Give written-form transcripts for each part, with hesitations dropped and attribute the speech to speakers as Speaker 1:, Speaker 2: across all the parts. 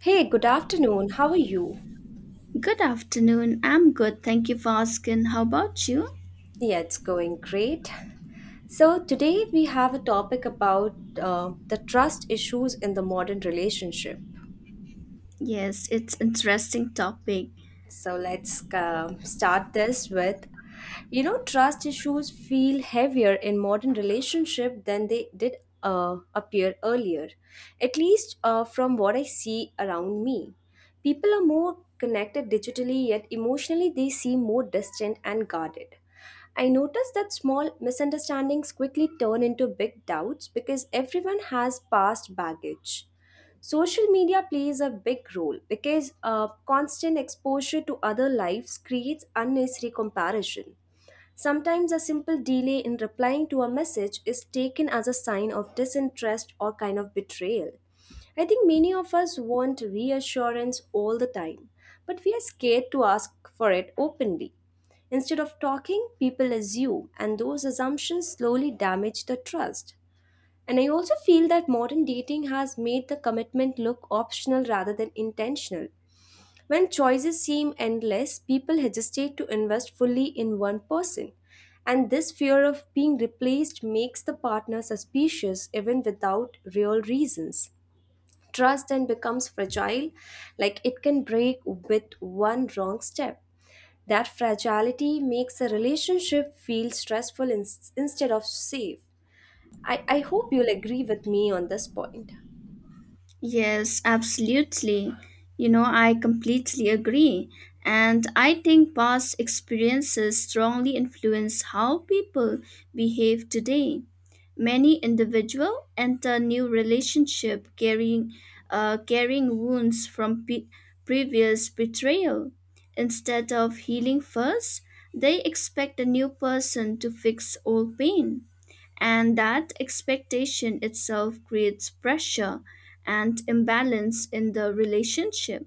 Speaker 1: Hey, good afternoon. How are you?
Speaker 2: Good afternoon. I'm good. Thank you for asking. How about you?
Speaker 1: Yeah, it's going great. So, today we have a topic about the trust issues in the modern relationship.
Speaker 2: Yes, it's interesting topic.
Speaker 1: So let's start this with trust issues feel heavier in modern relationship than they did appear earlier, at least from what I see around me. People are more connected digitally, yet emotionally they seem more distant and guarded. I notice that small misunderstandings quickly turn into big doubts because everyone has past baggage. Social media plays a big role because constant exposure to other lives creates unnecessary comparison. Sometimes a simple delay in replying to a message is taken as a sign of disinterest or kind of betrayal. I think many of us want reassurance all the time, but we are scared to ask for it openly. Instead of talking, people assume, and those assumptions slowly damage the trust. And I also feel that modern dating has made the commitment look optional rather than intentional. When choices seem endless, people hesitate to invest fully in one person. And this fear of being replaced makes the partner suspicious even without real reasons. Trust then becomes fragile, like it can break with one wrong step. That fragility makes a relationship feel stressful instead of safe. I hope you'll agree with me on this point.
Speaker 2: Yes, absolutely. You know, I completely agree. And I think past experiences strongly influence how people behave today. Many individuals enter new relationship carrying wounds from previous betrayal. Instead of healing first, they expect a new person to fix old pain and that expectation itself creates pressure and imbalance in the relationship.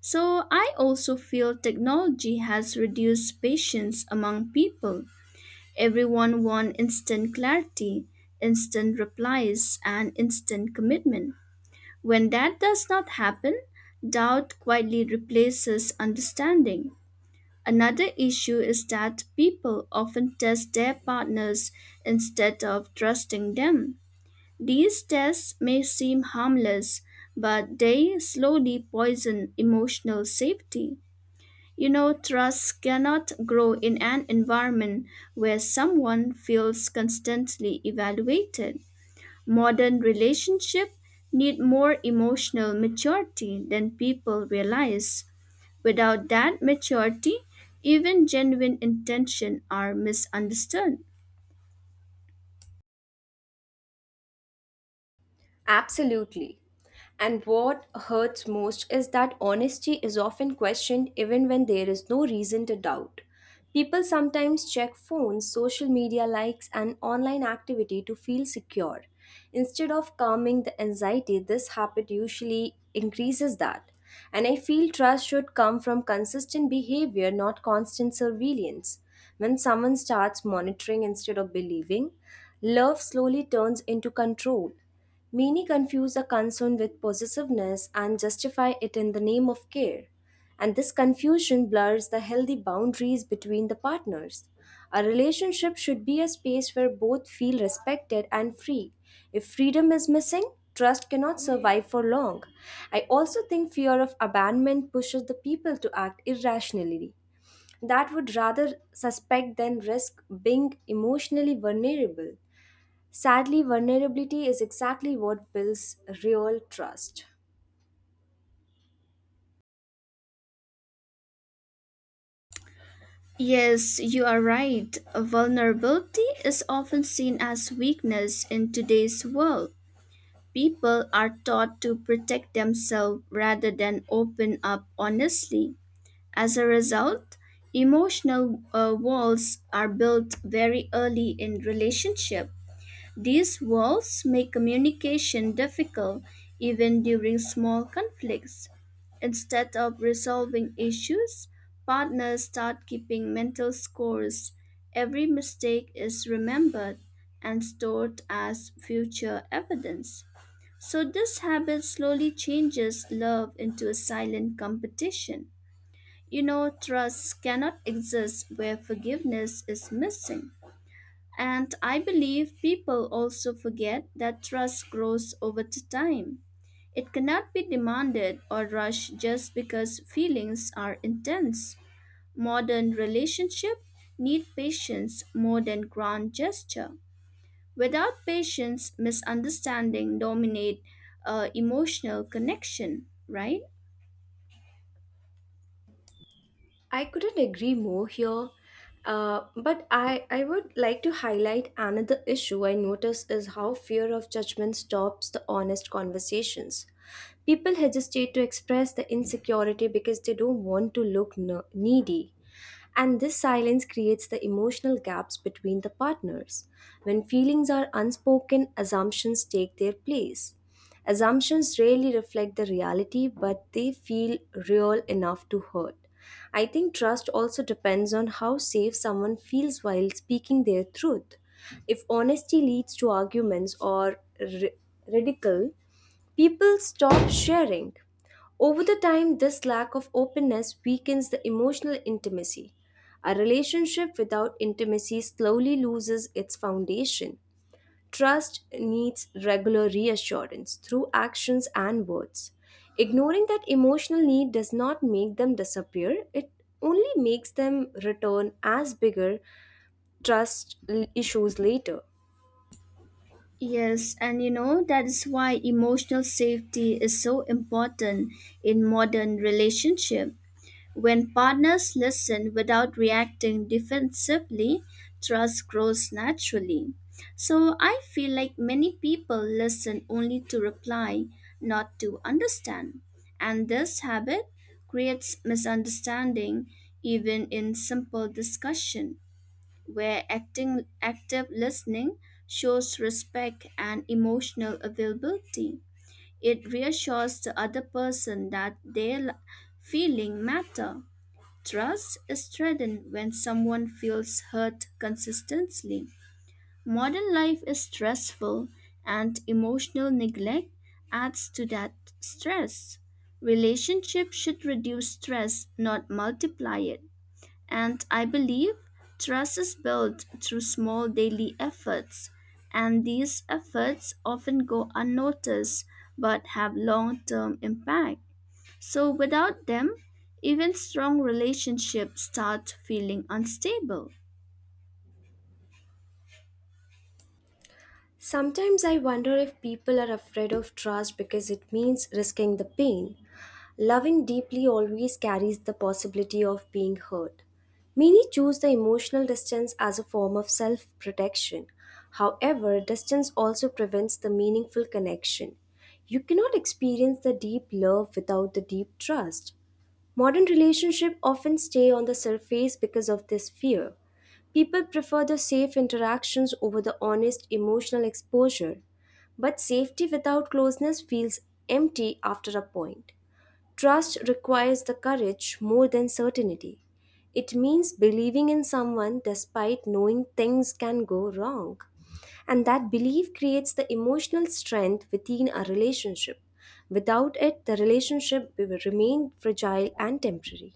Speaker 2: So I also feel technology has reduced patience among people. Everyone wants instant clarity, instant replies, and instant commitment. When that does not happen, doubt quietly replaces understanding. Another issue is that people often test their partners instead of trusting them. These tests may seem harmless, but they slowly poison emotional safety. You know, trust cannot grow in an environment where someone feels constantly evaluated. Modern relationships need more emotional maturity than people realize. Without that maturity, even genuine intentions are misunderstood.
Speaker 1: Absolutely. And what hurts most is that honesty is often questioned even when there is no reason to doubt. People sometimes check phones, social media likes, and online activity to feel secure. Instead of calming the anxiety, this habit usually increases that. And I feel trust should come from consistent behavior, not constant surveillance. When someone starts monitoring instead of believing, love slowly turns into control. Many confuse a concern with possessiveness and justify it in the name of care, and this confusion blurs the healthy boundaries between the partners. A relationship should be a space where both feel respected and free. If freedom is missing, trust cannot survive for long. I also think fear of abandonment pushes the people to act irrationally, that would rather suspect than risk being emotionally vulnerable. Sadly, vulnerability is exactly what builds real trust.
Speaker 2: Yes, you are right. Vulnerability is often seen as weakness in today's world. People are taught to protect themselves rather than open up honestly. As a result, emotional walls are built very early in relationship. These walls make communication difficult even during small conflicts. Instead of resolving issues, partners start keeping mental scores. Every mistake is remembered and stored as future evidence. So, this habit slowly changes love into a silent competition. You know, trust cannot exist where forgiveness is missing. And I believe people also forget that trust grows over time. It cannot be demanded or rushed just because feelings are intense. Modern relationships need patience more than grand gesture. Without patience, misunderstanding dominate emotional connection, right?
Speaker 1: I couldn't agree more here, but I would like to highlight another issue I notice is how fear of judgment stops the honest conversations. People hesitate to express the insecurity because they don't want to look needy. And this silence creates the emotional gaps between the partners. When feelings are unspoken, assumptions take their place. Assumptions rarely reflect the reality, but they feel real enough to hurt. I think trust also depends on how safe someone feels while speaking their truth. If honesty leads to arguments or ridicule, people stop sharing. Over the time, this lack of openness weakens the emotional intimacy. A relationship without intimacy slowly loses its foundation. Trust needs regular reassurance through actions and words. Ignoring that emotional need does not make them disappear, it only makes them return as bigger trust issues later.
Speaker 2: Yes, and you know that is why emotional safety is so important in modern relationship. When partners listen without reacting defensively, trust grows naturally. So I feel like many people listen only to reply, not to understand. And this habit creates misunderstanding even in simple discussion where acting active listening shows respect and emotional availability. It reassures the other person that their feeling matter. Trust is threatened when someone feels hurt consistently. Modern life is stressful, and emotional neglect adds to that stress. Relationships should reduce stress, not multiply it. And I believe trust is built through small daily efforts, and these efforts often go unnoticed but have long term impact. So without them, even strong relationships start feeling unstable.
Speaker 1: Sometimes I wonder if people are afraid of trust because it means risking the pain. Loving deeply always carries the possibility of being hurt. Many choose the emotional distance as a form of self protection. However, distance also prevents the meaningful connection. You cannot experience the deep love without the deep trust. Modern relationships often stay on the surface because of this fear. People prefer the safe interactions over the honest emotional exposure, but safety without closeness feels empty after a point. Trust requires the courage more than certainty. It means believing in someone despite knowing things can go wrong. And that belief creates the emotional strength within a relationship. Without it, the relationship will remain fragile and temporary.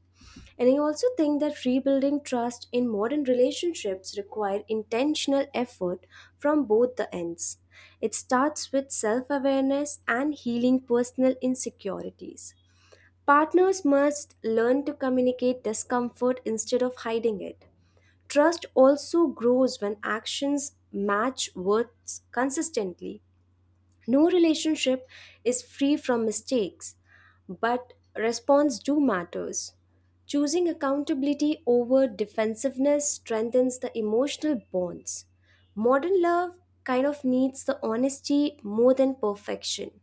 Speaker 1: And I also think that rebuilding trust in modern relationships require intentional effort from both the ends. It starts with self-awareness and healing personal insecurities. Partners must learn to communicate discomfort instead of hiding it. Trust also grows when actions match words consistently. No relationship is free from mistakes, but response do matters. Choosing accountability over defensiveness strengthens the emotional bonds. Modern love kind of needs the honesty more than perfection.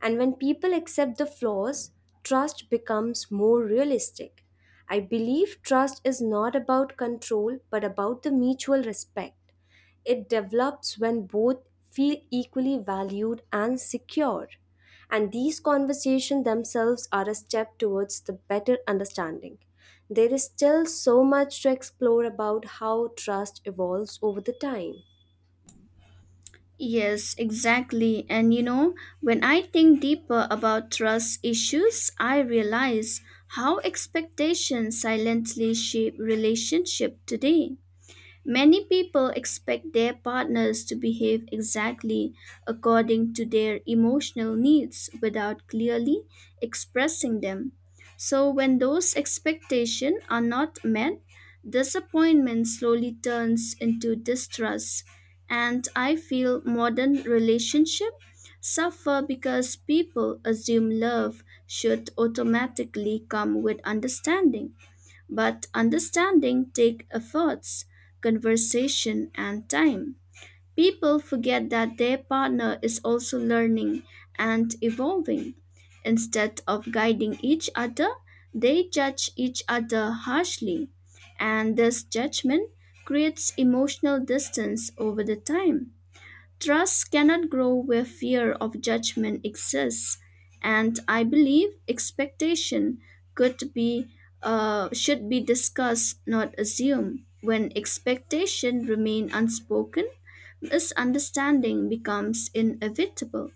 Speaker 1: And when people accept the flaws, trust becomes more realistic. I believe trust is not about control but about the mutual respect. It develops when both feel equally valued and secure. And these conversations themselves are a step towards the better understanding. There is still so much to explore about how trust evolves over the time.
Speaker 2: Yes, exactly. And you know, when I think deeper about trust issues, I realize how expectations silently shape relationship today. Many people expect their partners to behave exactly according to their emotional needs without clearly expressing them. So, when those expectations are not met, disappointment slowly turns into distrust. And I feel modern relationships suffer because people assume love should automatically come with understanding. But understanding takes efforts, conversation, and time. People forget that their partner is also learning and evolving. Instead of guiding each other, they judge each other harshly, and this judgment creates emotional distance over the time. Trust cannot grow where fear of judgment exists, and I believe expectation could be should be discussed, not assumed. When expectation remain unspoken, misunderstanding becomes inevitable.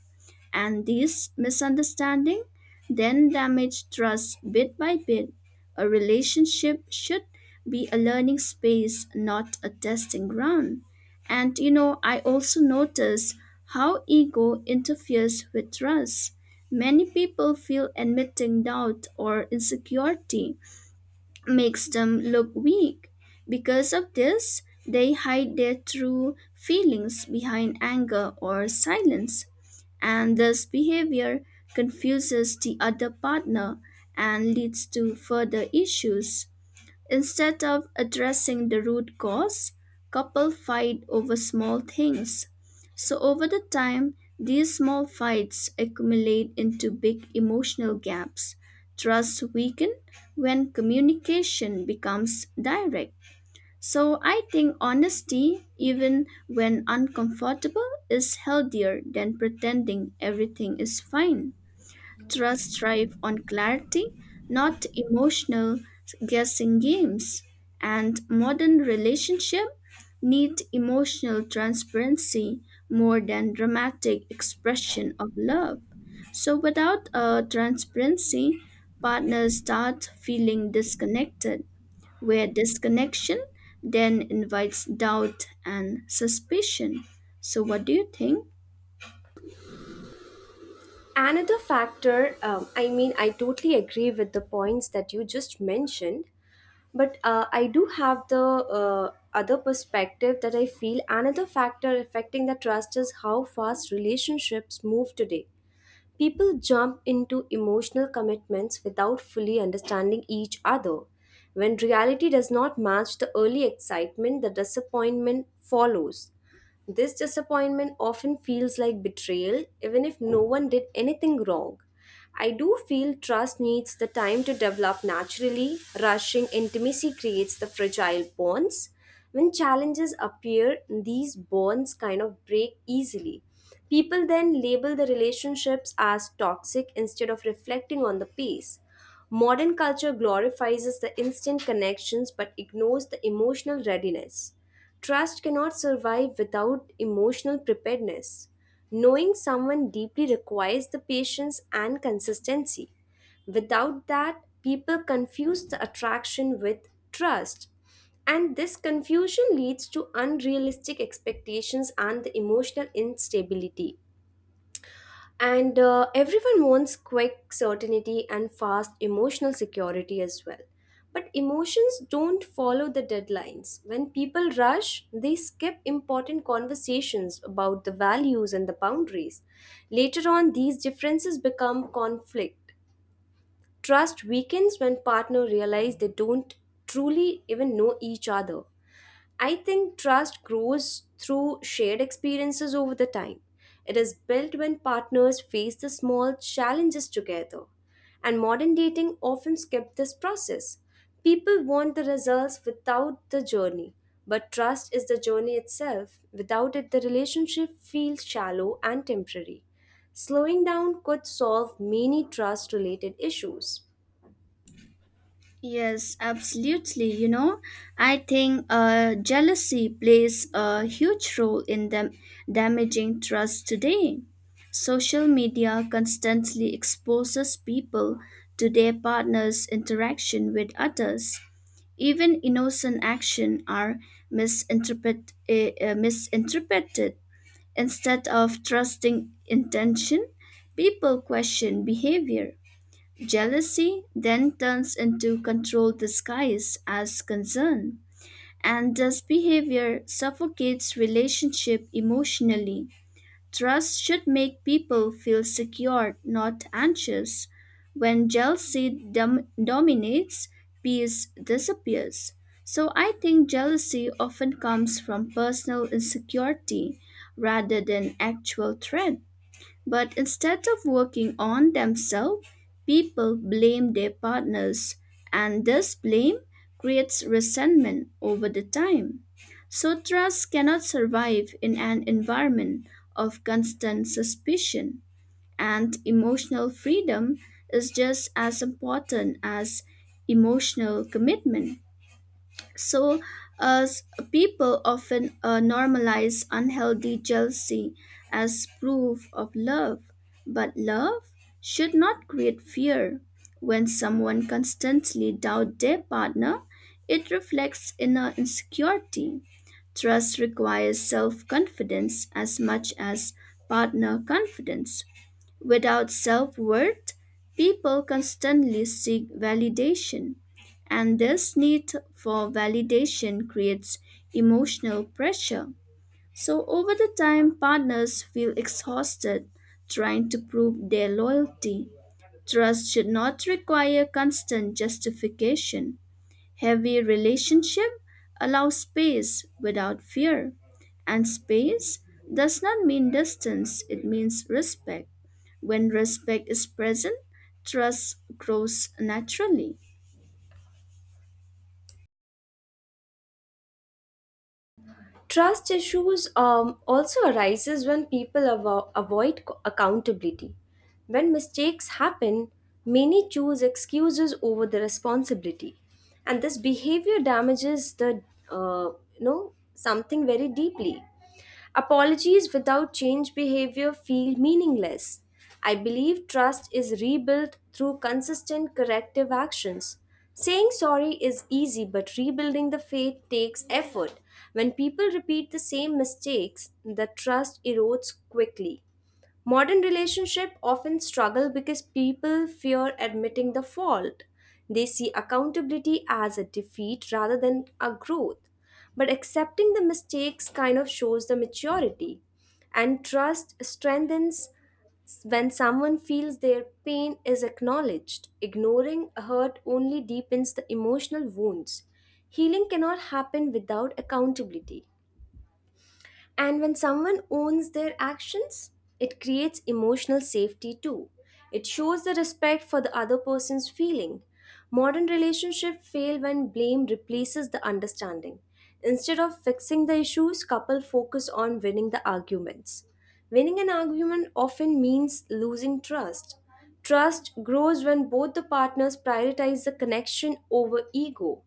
Speaker 2: And these misunderstandings then damage trust bit by bit. A relationship should be a learning space, not a testing ground. And you know, I also notice how ego interferes with trust. Many people feel admitting doubt or insecurity makes them look weak. Because of this, they hide their true feelings behind anger or silence, and this behavior confuses the other partner and leads to further issues. Instead of addressing the root cause, couples fight over small things. So over the time, these small fights accumulate into big emotional gaps. Trust weakens when communication becomes direct. So I think honesty, even when uncomfortable, is healthier than pretending everything is fine. Trust thrive on clarity, not emotional guessing games. And modern relationship need emotional transparency more than dramatic expression of love. So without a transparency, partners start feeling disconnected where disconnection then invites doubt and suspicion. So, what do you think?
Speaker 1: Another factor, I mean, I totally agree with the points that you just mentioned, but I do have the other perspective that I feel another factor affecting the trust is how fast relationships move today. People jump into emotional commitments without fully understanding each other. When reality does not match the early excitement, the disappointment follows. This disappointment often feels like betrayal, even if no one did anything wrong. I do feel trust needs the time to develop naturally. Rushing intimacy creates the fragile bonds. When challenges appear, these bonds kind of break easily. People then label the relationships as toxic instead of reflecting on the pace. Modern culture glorifies the instant connections but ignores the emotional readiness. Trust cannot survive without emotional preparedness. Knowing someone deeply requires the patience and consistency. Without that, people confuse the attraction with trust. And this confusion leads to unrealistic expectations and the emotional instability. And everyone wants quick certainty and fast emotional security as well. But emotions don't follow the deadlines. When people rush, they skip important conversations about the values and the boundaries. Later on, these differences become conflict. Trust weakens when partners realize they don't truly even know each other. I think trust grows through shared experiences over the time. It is built when partners face the small challenges together. And modern dating often skips this process. People want the results without the journey, but trust is the journey itself. Without it, the relationship feels shallow and temporary. Slowing down could solve many trust related issues.
Speaker 2: Yes, absolutely. You know, I think jealousy plays a huge role in them damaging trust today. Social media constantly exposes people to their partner's interaction with others. Even innocent action are misinterpreted. Instead of trusting intention, people question behavior. Jealousy then turns into control disguised as concern, and this behavior suffocates relationship emotionally. Trust should make people feel secure, not anxious. When jealousy dominates, peace disappears. So I think jealousy often comes from personal insecurity rather than actual threat. But instead of working on themselves, people blame their partners, and this blame creates resentment over the time. So trust cannot survive in an environment of constant suspicion, and emotional freedom is just as important as emotional commitment. So, as people often normalize unhealthy jealousy as proof of love, but love should not create fear. When someone constantly doubts their partner, it reflects inner insecurity. Trust requires self confidence as much as partner confidence. Without self worth, people constantly seek validation, and this need for validation creates emotional pressure. So, over the time, partners feel exhausted trying to prove their loyalty. Trust should not require constant justification. Heavy relationship allows space without fear. And space does not mean distance, it means respect. When respect is present, trust grows naturally.
Speaker 1: Trust issues also arises when people avoid accountability. When mistakes happen, many choose excuses over the responsibility, and this behavior damages the uh, something very deeply. Apologies without change behavior feel meaningless. I believe trust is rebuilt through consistent corrective actions. Saying sorry is easy, but rebuilding the faith takes effort. When people repeat the same mistakes, the trust erodes quickly. Modern relationships often struggle because people fear admitting the fault. They see accountability as a defeat rather than a growth. But accepting the mistakes kind of shows the maturity. And trust strengthens when someone feels their pain is acknowledged. Ignoring hurt only deepens the emotional wounds. Healing cannot happen without accountability. And when someone owns their actions, it creates emotional safety too. It shows the respect for the other person's feeling. Modern relationships fail when blame replaces the understanding. Instead of fixing the issues, couple focus on winning the arguments. Winning an argument often means losing trust. Trust grows when both the partners prioritize the connection over ego,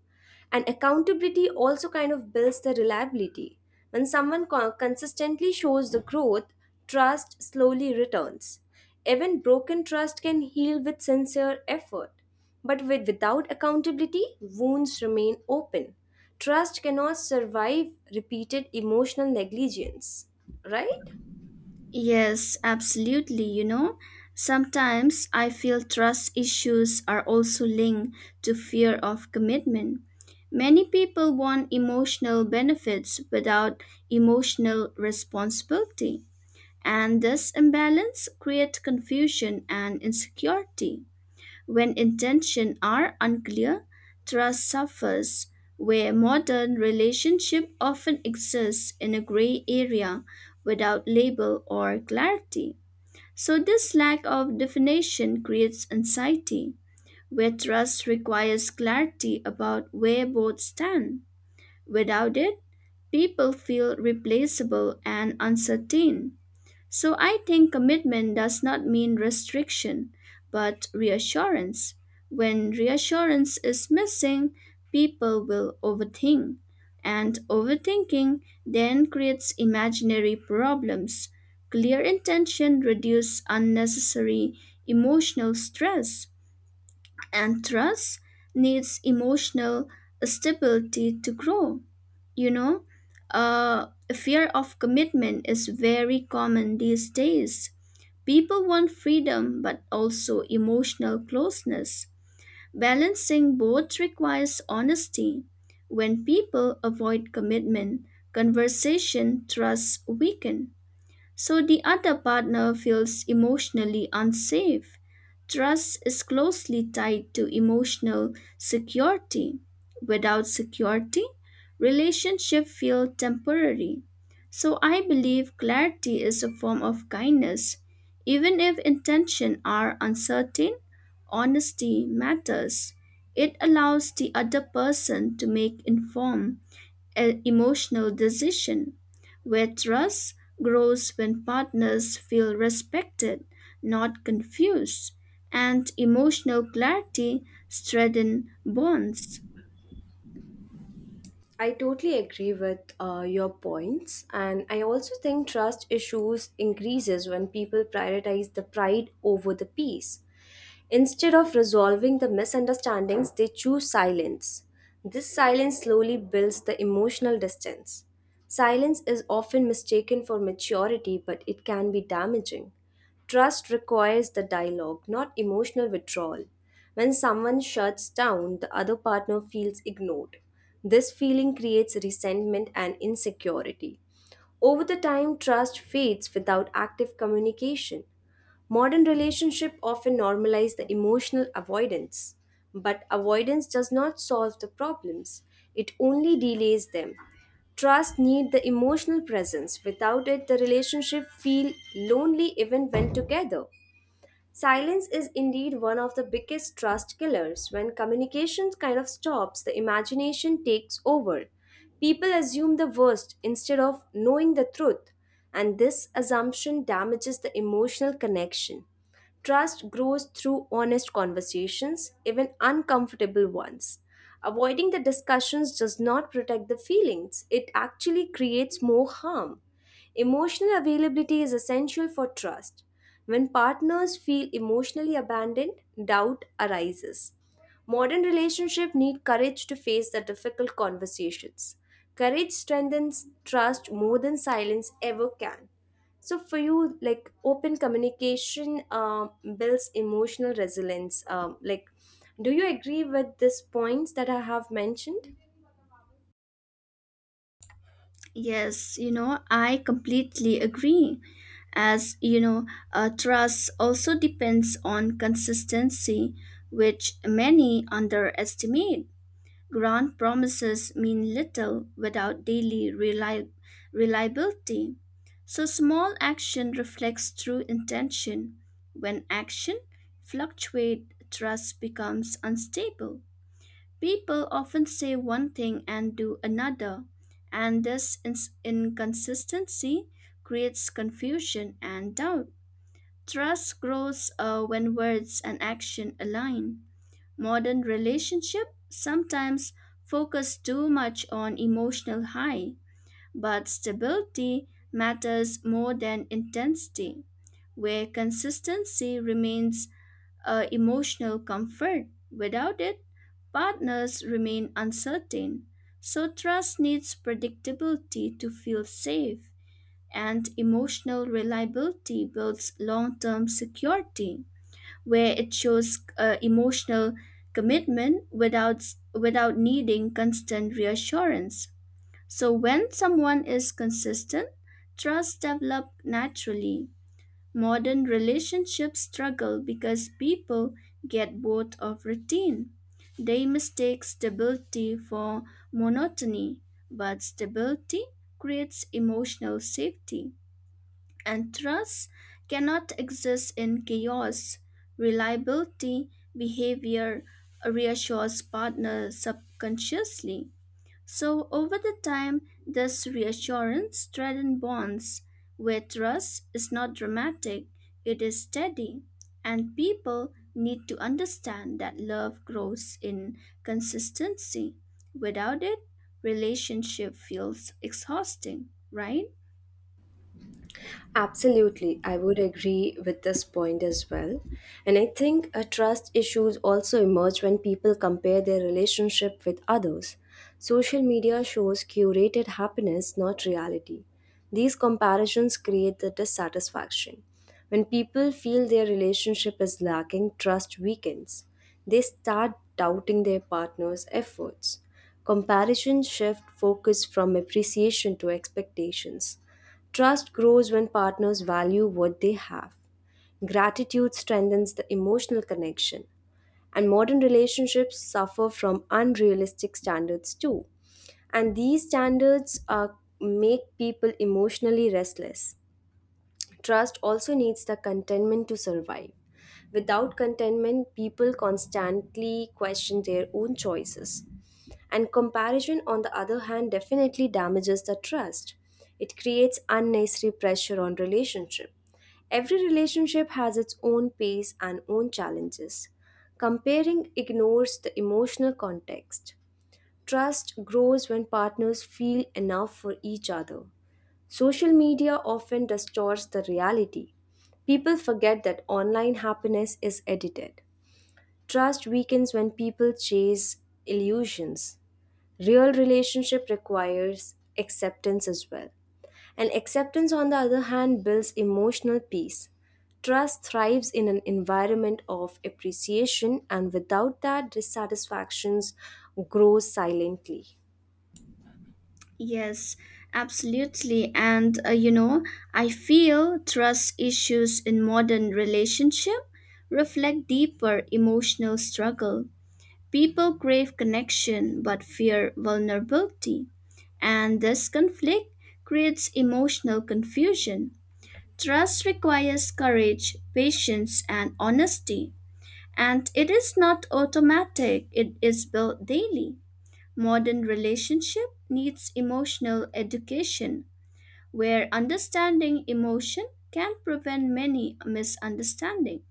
Speaker 1: and accountability also kind of builds the reliability. When someone consistently shows the growth, trust slowly returns. Even broken trust can heal with sincere effort, but without accountability wounds remain open. Trust cannot survive repeated emotional negligence, right?
Speaker 2: Yes, absolutely. You know, sometimes I feel trust issues are also linked to fear of commitment. Many people want emotional benefits without emotional responsibility. And this imbalance creates confusion and insecurity. When intentions are unclear, trust suffers, where modern relationship often exists in a gray area without label or clarity. So this lack of definition creates anxiety, where trust requires clarity about where both stand. Without it, people feel replaceable and uncertain. So I think commitment does not mean restriction, but reassurance. When reassurance is missing, people will overthink, and overthinking then creates imaginary problems. Clear intention reduces unnecessary emotional stress. And trust needs emotional stability to grow. You know, uh, fear of commitment is very common these days. People want freedom but also emotional closeness. Balancing both requires honesty. When people avoid commitment, conversation, trust weaken so the other partner feels emotionally unsafe. Trust is closely tied to emotional security. Without security, relationships feel temporary. So I believe clarity is a form of kindness. Even if intention are uncertain, honesty matters. It allows the other person to make informed an emotional decision where trust grows when partners feel respected, not confused, and emotional clarity strengthens bonds.
Speaker 1: I totally agree with your points, and I also think trust issues increases when people prioritize the pride over the peace. Instead of resolving the misunderstandings, they choose silence. This silence slowly builds the emotional distance. Silence is often mistaken for maturity, but it can be damaging. Trust requires the dialogue, not emotional withdrawal. When someone shuts down, the other partner feels ignored. This feeling creates resentment and insecurity. Over the time, trust fades without active communication. Modern relationships often normalize the emotional avoidance, but avoidance does not solve the problems, it only delays them. Trust needs the emotional presence. Without it, the relationship feel lonely even when together. Silence is indeed one of the biggest trust killers. When communication kind of stops, the imagination takes over. People assume the worst instead of knowing the truth, and this assumption damages the emotional connection. Trust grows through honest conversations, even uncomfortable ones. Avoiding the discussions does not protect the feelings, it actually creates more harm. Emotional availability is essential for trust. When partners feel emotionally abandoned, doubt arises. Modern relationships need courage to face the difficult conversations. Courage strengthens trust more than silence ever can. So for you, like, open communication builds emotional resilience. Like, do you agree with these points that I have mentioned?
Speaker 2: Yes, you know, I completely agree. As you know, trust also depends on consistency, which many underestimate. Grand promises mean little without daily reliability. So small action reflects true intention. When action fluctuates, trust becomes unstable. People often say one thing and do another, and this inconsistency creates confusion and doubt. Trust grows when words and action align. Modern relationship sometimes focus too much on emotional high, but stability matters more than intensity, where consistency remains a emotional comfort. Without it, partners remain uncertain. So trust needs predictability to feel safe, and emotional reliability builds long-term security where it shows emotional commitment without needing constant reassurance. So when someone is consistent, trust develops naturally. Modern relationships struggle because people get bored of routine. They mistake stability for monotony, but stability creates emotional safety. And trust cannot exist in chaos. Reliability behavior reassures partner subconsciously. So over the time, this reassurance strengthens bonds where trust is not dramatic, it is steady. And people need to understand that love grows in consistency. Without it, relationship feels exhausting, right?
Speaker 1: Absolutely, I would agree with this point as well. And I think trust issues also emerge when people compare their relationship with others. Social media shows curated happiness, not reality. These comparisons create the dissatisfaction. When people feel their relationship is lacking, trust weakens. They start doubting their partner's efforts. Comparison shift focus from appreciation to expectations. Trust grows when partners value what they have. Gratitude strengthens the emotional connection. And modern relationships suffer from unrealistic standards too. And these standards are, make people emotionally restless. Trust also needs the contentment to survive. Without contentment, people constantly question their own choices. And comparison, on the other hand, definitely damages the trust. It creates unnecessary pressure on relationship. Every relationship has its own pace and own challenges. Comparing ignores the emotional context. Trust grows when partners feel enough for each other. Social media often distorts the reality. People forget that online happiness is edited. Trust weakens when people chase illusions. Real relationship requires acceptance as well. And acceptance, on the other hand, builds emotional peace. Trust thrives in an environment of appreciation, and without that, dissatisfactions grow silently.
Speaker 2: Yes, absolutely. And you know, I feel trust issues in modern relationship reflect deeper emotional struggle. People crave connection but fear vulnerability, and this conflict creates emotional confusion. Trust requires courage, patience, and honesty, and it is not automatic. It is built daily. Modern relationship needs emotional education where understanding emotion can prevent many misunderstandings.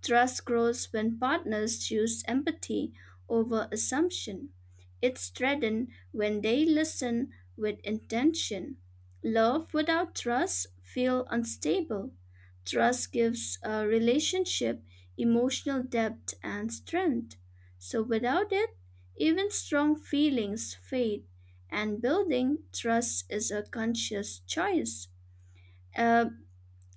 Speaker 2: Trust grows when partners choose empathy over assumption. It's strengthened when they listen with intention. Love without trust feels unstable. Trust gives a relationship emotional depth and strength. So without it, even strong feelings fade, and building trust is a conscious choice. Uh,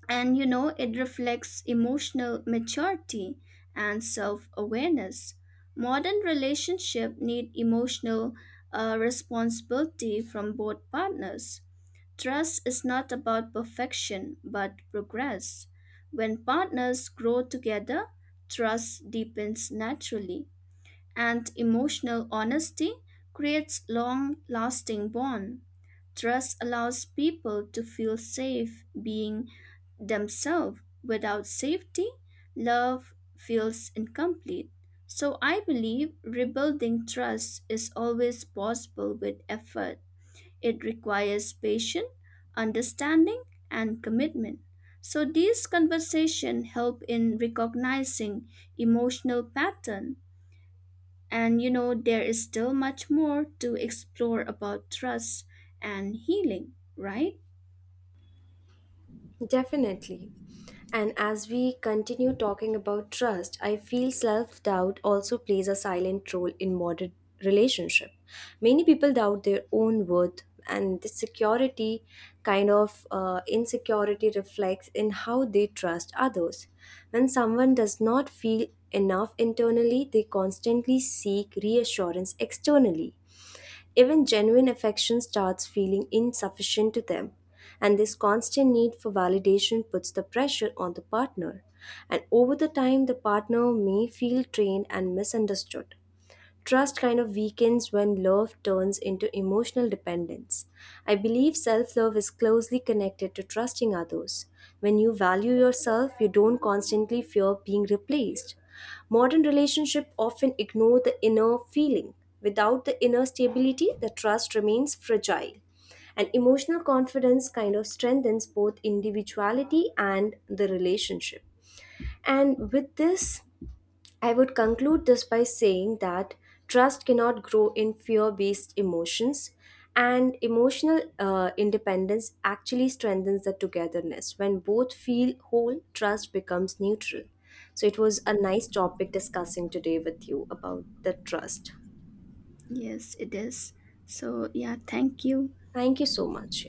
Speaker 2: and you know it reflects emotional maturity and self-awareness modern relationship need emotional responsibility from both partners trust is not about perfection but progress when partners grow together trust deepens naturally and emotional honesty creates long lasting bond trust allows people to feel safe being themselves. Without safety, love feels incomplete. So I believe rebuilding trust is always possible with effort. It requires patience, understanding, and commitment. So these conversations help in recognizing emotional pattern. And you know, there is still much more to explore about trust and healing, right?
Speaker 1: Definitely. And as we continue talking about trust, I feel self doubt also plays a silent role in modern relationship. Many people doubt their own worth, and this security kind of insecurity reflects in how they trust others. When someone does not feel enough internally, they constantly seek reassurance externally. Even genuine affection starts feeling insufficient to them, and this constant need for validation puts the pressure on the partner. And over the time, the partner may feel drained and misunderstood. Trust kind of weakens when love turns into emotional dependence. I believe self love is closely connected to trusting others. When you value yourself, you don't constantly fear being replaced. Modern relationships often ignore the inner feeling. Without the inner stability, the trust remains fragile. And emotional confidence kind of strengthens both individuality and the relationship. And with this, I would conclude this by saying that trust cannot grow in fear based emotions, and emotional independence actually strengthens the togetherness. When both feel whole, trust becomes neutral. So, it was a nice topic discussing today with you about the trust.
Speaker 2: Yes, it is. So yeah, thank you.
Speaker 1: Thank you so much.